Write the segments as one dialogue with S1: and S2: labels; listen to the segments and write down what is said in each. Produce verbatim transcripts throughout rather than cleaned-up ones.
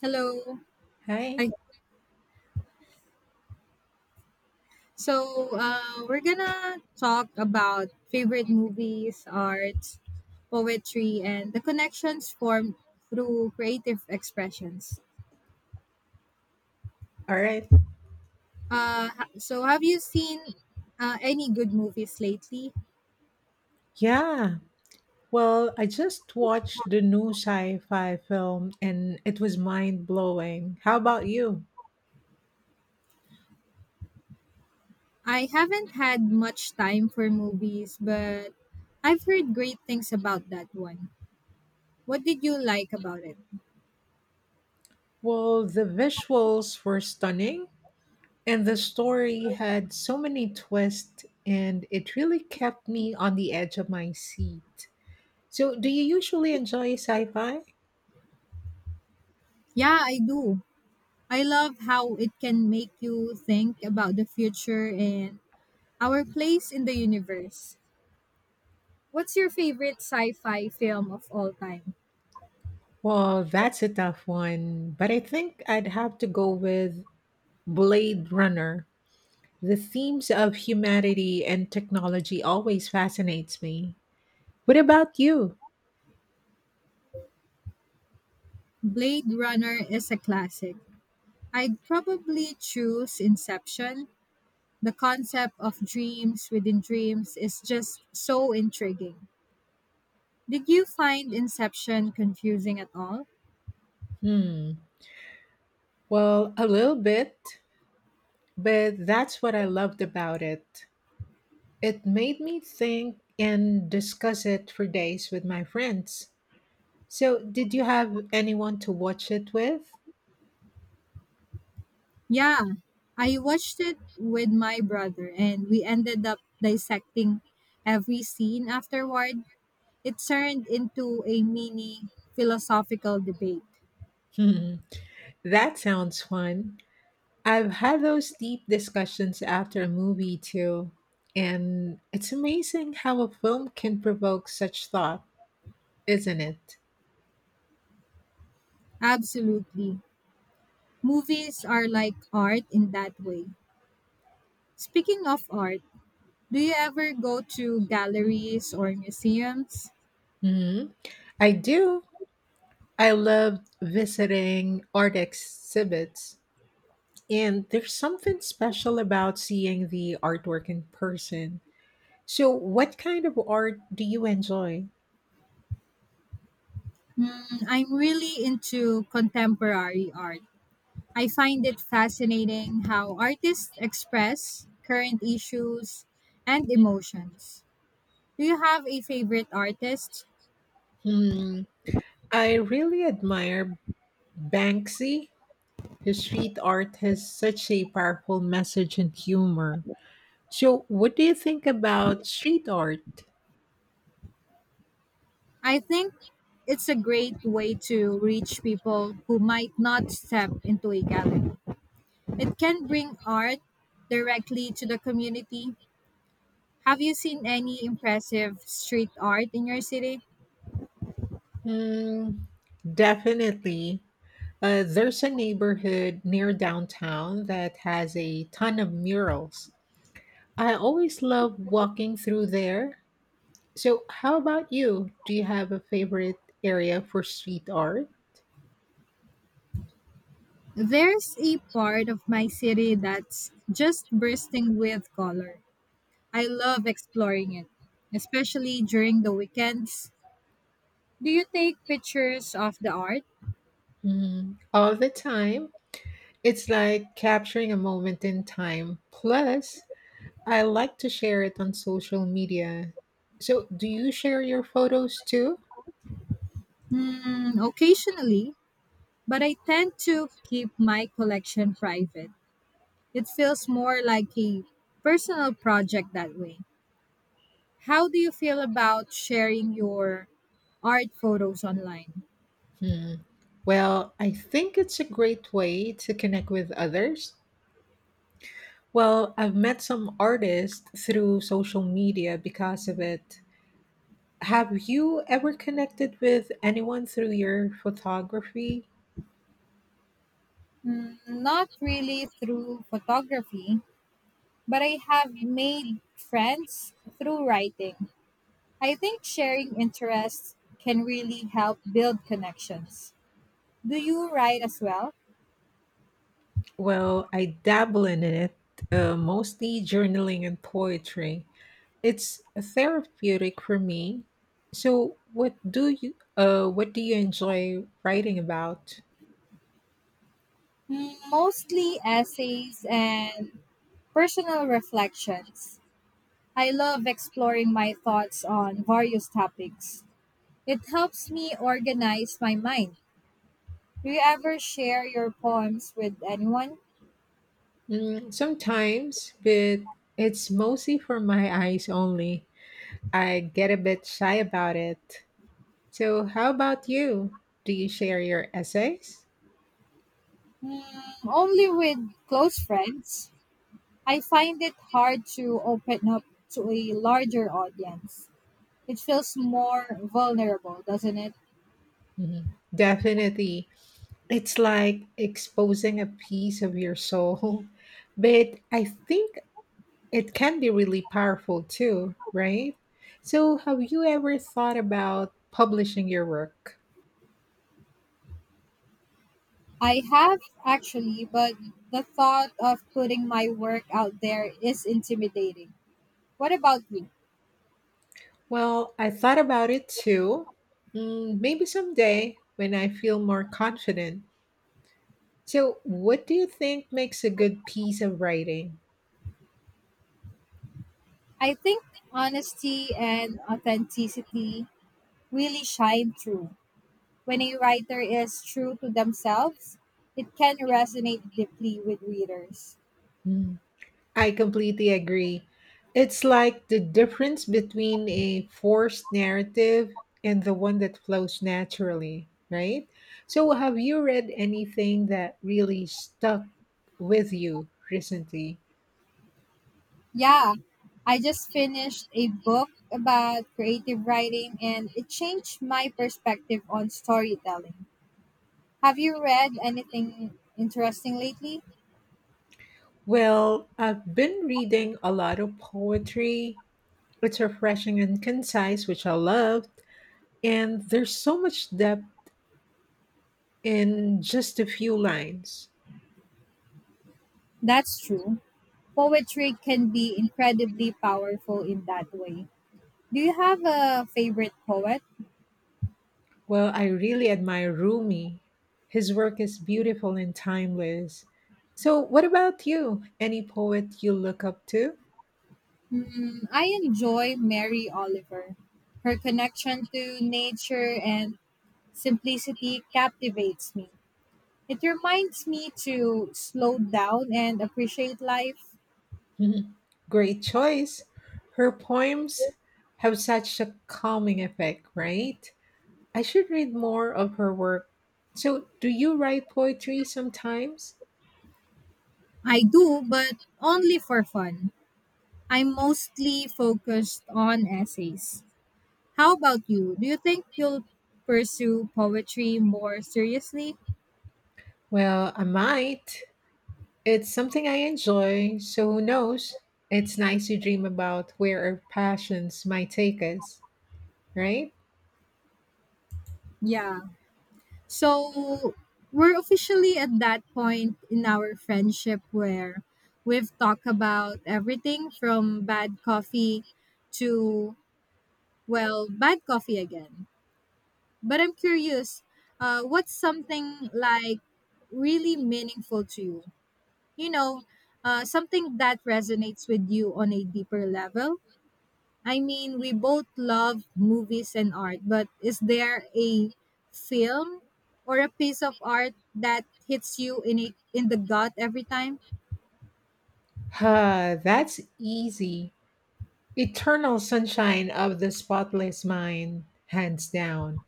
S1: Hello.
S2: Hi.
S1: Hi. So, uh, we're gonna talk about favorite movies, arts, poetry, and the connections formed through creative expressions.
S2: All right.
S1: Uh, ha- so, have you seen uh, any good movies lately?
S2: Yeah. Well, I just watched the new sci fi film and it was mind blowing. How about you?
S1: I haven't had much time for movies, but I've heard great things about that one. What did you like about it?
S2: Well, the visuals were stunning and the story had so many twists and it really kept me on the edge of my seat. So, do you usually enjoy sci fi?
S1: Yeah, I do. I love how it can make you think about the future and our place in the universe. What's your favorite sci fi film of all time?
S2: Well, that's a tough one, but I think I'd have to go with Blade Runner. The themes of humanity and technology always fascinates me. What about you?
S1: Blade Runner is a classic. I'd probably choose Inception. The concept of dreams within dreams is just so intriguing. Did you find Inception confusing at all?
S2: Hmm. Well, a little bit, but that's what I loved about it. It made me think and discuss it for days with my friends. So, did you have anyone to watch it with?
S1: Yeah, I watched it with my brother and we ended up dissecting every scene afterward. It turned into a mini philosophical debate.
S2: Hmm. That sounds fun. I've had those deep discussions after a movie too, and it's amazing how a film can provoke such thought. Isn't it?
S1: Absolutely. Movies are like art in that way. Speaking of art, do you ever go to galleries or museums?
S2: Mhm. I do. I love visiting art exhibits, and there's something special about seeing the artwork in person. So, what kind of art do you enjoy?
S1: Mm, I'm really into contemporary art. I find it fascinating how artists express current issues and emotions. Do you have a favorite artist?
S2: Hmm. I really admire Banksy. His street art has such a powerful message and humor. So, what do you think about street art?
S1: I think it's a great way to reach people who might not step into a gallery. It can bring art directly to the community. Have you seen any impressive street art in your city?
S2: Hmm. Definitely. Uh, there's a neighborhood near downtown that has a ton of murals. I always love walking through there. So, how about you? Do you have a favorite area for street art?
S1: There's a part of my city that's just bursting with color. I love exploring it, especially during the weekends. Do you take pictures of the art?
S2: Mm, all the time. It's like capturing a moment in time. Plus, I like to share it on social media. So, do you share your photos too?
S1: Hmm, occasionally, but I tend to keep my collection private. It feels more like a personal project that way. How do you feel about sharing your art photos online?
S2: Hmm. Well, I think it's a great way to connect with others. Well, I've met some artists through social media because of it. Have you ever connected with anyone through your photography?
S1: Mm, not really through photography, but I have made friends through writing. I think sharing interests can really help build connections. Do you write as well?
S2: Well, I dabble in it, uh, mostly journaling and poetry. It's therapeutic for me. So, what do you uh, what do you enjoy writing about?
S1: Mm, mostly essays and personal reflections. I love exploring my thoughts on various topics. It helps me organize my mind. Do you ever share your poems with anyone?
S2: Mm, sometimes, but it's mostly for my eyes only. I get a bit shy about it. So, how about you? Do you share your essays?
S1: Hmm, only with close friends. I find it hard to open up to a larger audience. It feels more vulnerable, doesn't it?
S2: Mhm. Definitely. It's like exposing a piece of your soul. But I think it can be really powerful too, right? So, have you ever thought about publishing your work?
S1: I have actually, but the thought of putting my work out there is intimidating. What about you?
S2: Well, I thought about it too. Mm, maybe someday when I feel more confident. So, what do you think makes a good piece of writing?
S1: I think honesty and authenticity really shine through. When a writer is true to themselves, it can resonate deeply with readers.
S2: Mm. I completely agree. It's like the difference between a forced narrative and the one that flows naturally, right? So, have you read anything that really stuck with you recently?
S1: Yeah, I just finished a book about creative writing and it changed my perspective on storytelling. Have you read anything interesting lately?
S2: Well, I've been reading a lot of poetry. It's refreshing and concise, which I loved. And there's so much depth in just a few lines.
S1: That's true. Poetry can be incredibly powerful in that way. Do you have a favorite poet?
S2: Well, I really admire Rumi. His work is beautiful and timeless. So, what about you? Any poet you look up to?
S1: Hmm, I enjoy Mary Oliver. Her connection to nature and simplicity captivates me. It reminds me to slow down and appreciate life.
S2: Mhm. Great choice. Her poems have such a calming effect, right? I should read more of her work. So, do you write poetry sometimes?
S1: I do, but only for fun. I'm mostly focused on essays. How about you? Do you think you'll pursue poetry more seriously?
S2: Well, I might. It's something I enjoy, so who knows? It's nice to dream about where our passions might take us, right?
S1: Yeah. So we're officially at that point in our friendship where we've talked about everything from bad coffee to, well, bad coffee again. But I'm curious, uh, what's something like really meaningful to you? You know, uh, something that resonates with you on a deeper level? I mean, we both love movies and art, but is there a film or a piece of art that hits you in a, in the gut every time?
S2: Huh, that's easy. Eternal sunshine of the spotless mind, hands down.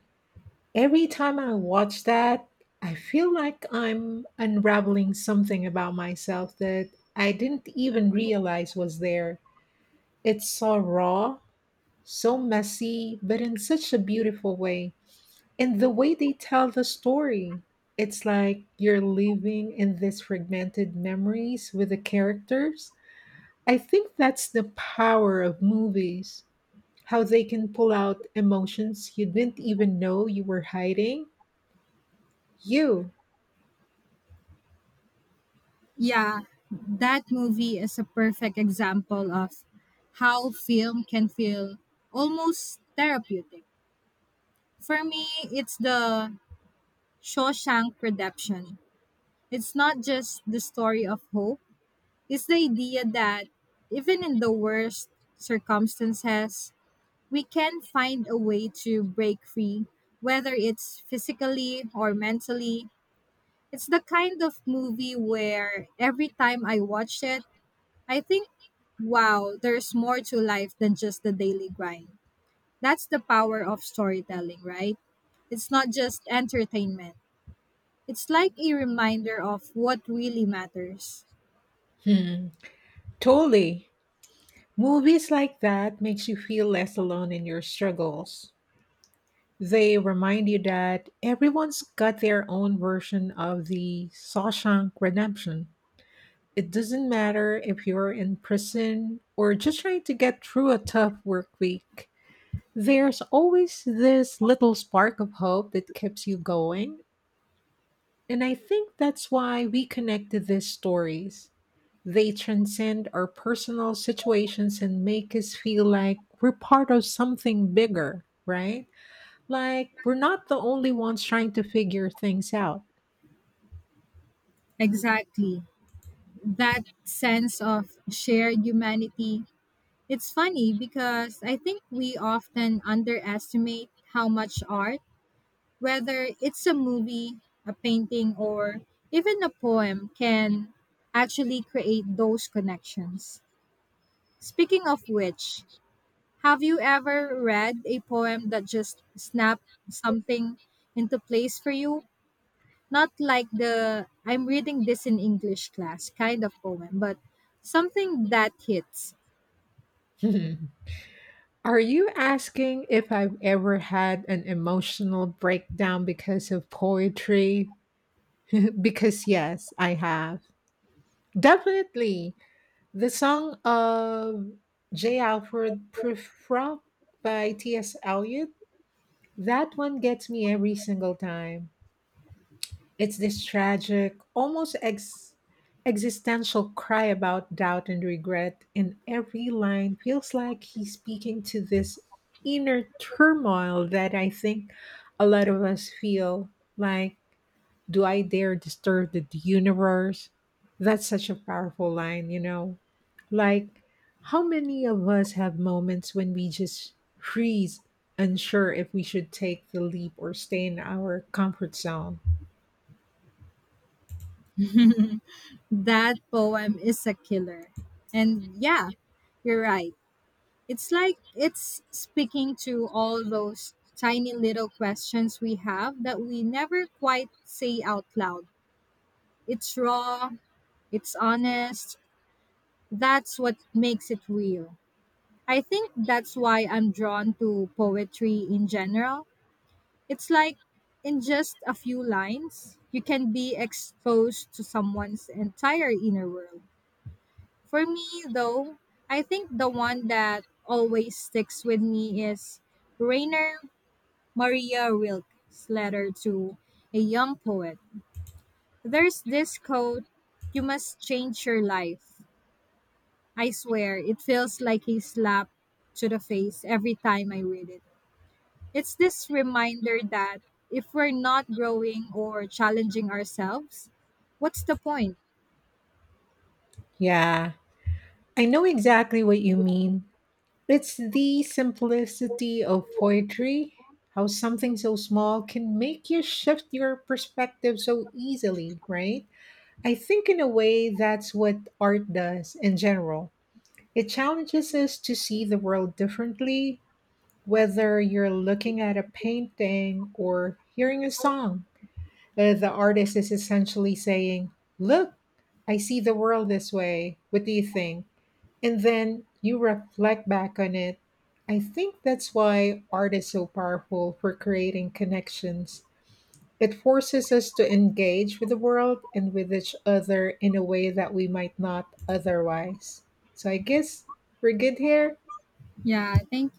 S2: Every time I watch that, I feel like I'm unraveling something about myself that I didn't even realize was there. It's so raw, so messy, but in such a beautiful way. And the way they tell the story, it's like you're living in these fragmented memories with the characters. I think that's the power of movies, how they can pull out emotions you didn't even know you were hiding. You.
S1: Yeah, that movie is a perfect example of how film can feel almost therapeutic. For me, it's the Shawshank Redemption. It's not just the story of hope, it's the idea that even in the worst circumstances, we can find a way to break free, whether it's physically or mentally. It's the kind of movie where every time I watch it, I think, wow, there's more to life than just the daily grind. That's the power of storytelling, right? It's not just entertainment. It's like a reminder of what really matters.
S2: Hmm. Totally. Movies like that makes you feel less alone in your struggles. They remind you that everyone's got their own version of the Shawshank Redemption. It doesn't matter if you're in prison or just trying to get through a tough work week. There's always this little spark of hope that keeps you going. And I think that's why we connect to these stories. They transcend our personal situations and make us feel like we're part of something bigger, right? Like we're not the only ones trying to figure things out.
S1: Exactly. That sense of shared humanity. It's funny because I think we often underestimate how much art, whether it's a movie, a painting, or even a poem, can actually create those connections. Speaking of which, have you ever read a poem that just snapped something into place for you? Not like the "I'm reading this in English class" kind of poem, but something that hits.
S2: Are you asking if I've ever had an emotional breakdown because of poetry? Because yes, I have. Definitely. The song of J. Alfred Prufrock by T S. Eliot, that one gets me every single time. It's this tragic, almost ex- existential cry about doubt and regret, and every line feels like he's speaking to this inner turmoil that I think a lot of us feel like, do I dare disturb the universe? That's such a powerful line, you know? Like, how many of us have moments when we just freeze, unsure if we should take the leap or stay in our comfort zone?
S1: That poem is a killer. And yeah, you're right. It's like it's speaking to all those tiny little questions we have that we never quite say out loud. It's raw, it's honest. That's what makes it real. I think that's why I'm drawn to poetry in general. It's like in just a few lines, you can be exposed to someone's entire inner world. For me, though, I think the one that always sticks with me is Rainer Maria Rilke's "Letter to a Young Poet." There's this quote, "You must change your life." I swear, it feels like a slap to the face every time I read it. It's this reminder that if we're not growing or challenging ourselves, what's the point?
S2: Yeah, I know exactly what you mean. It's the simplicity of poetry, how something so small can make you shift your perspective so easily, right? I think, in a way, that's what art does in general. It challenges us to see the world differently, whether you're looking at a painting or hearing a song. Uh, the artist is essentially saying, look, I see the world this way. What do you think? And then you reflect back on it. I think that's why art is so powerful for creating connections. It forces us to engage with the world and with each other in a way that we might not otherwise. So I guess we're good here.
S1: Yeah, thank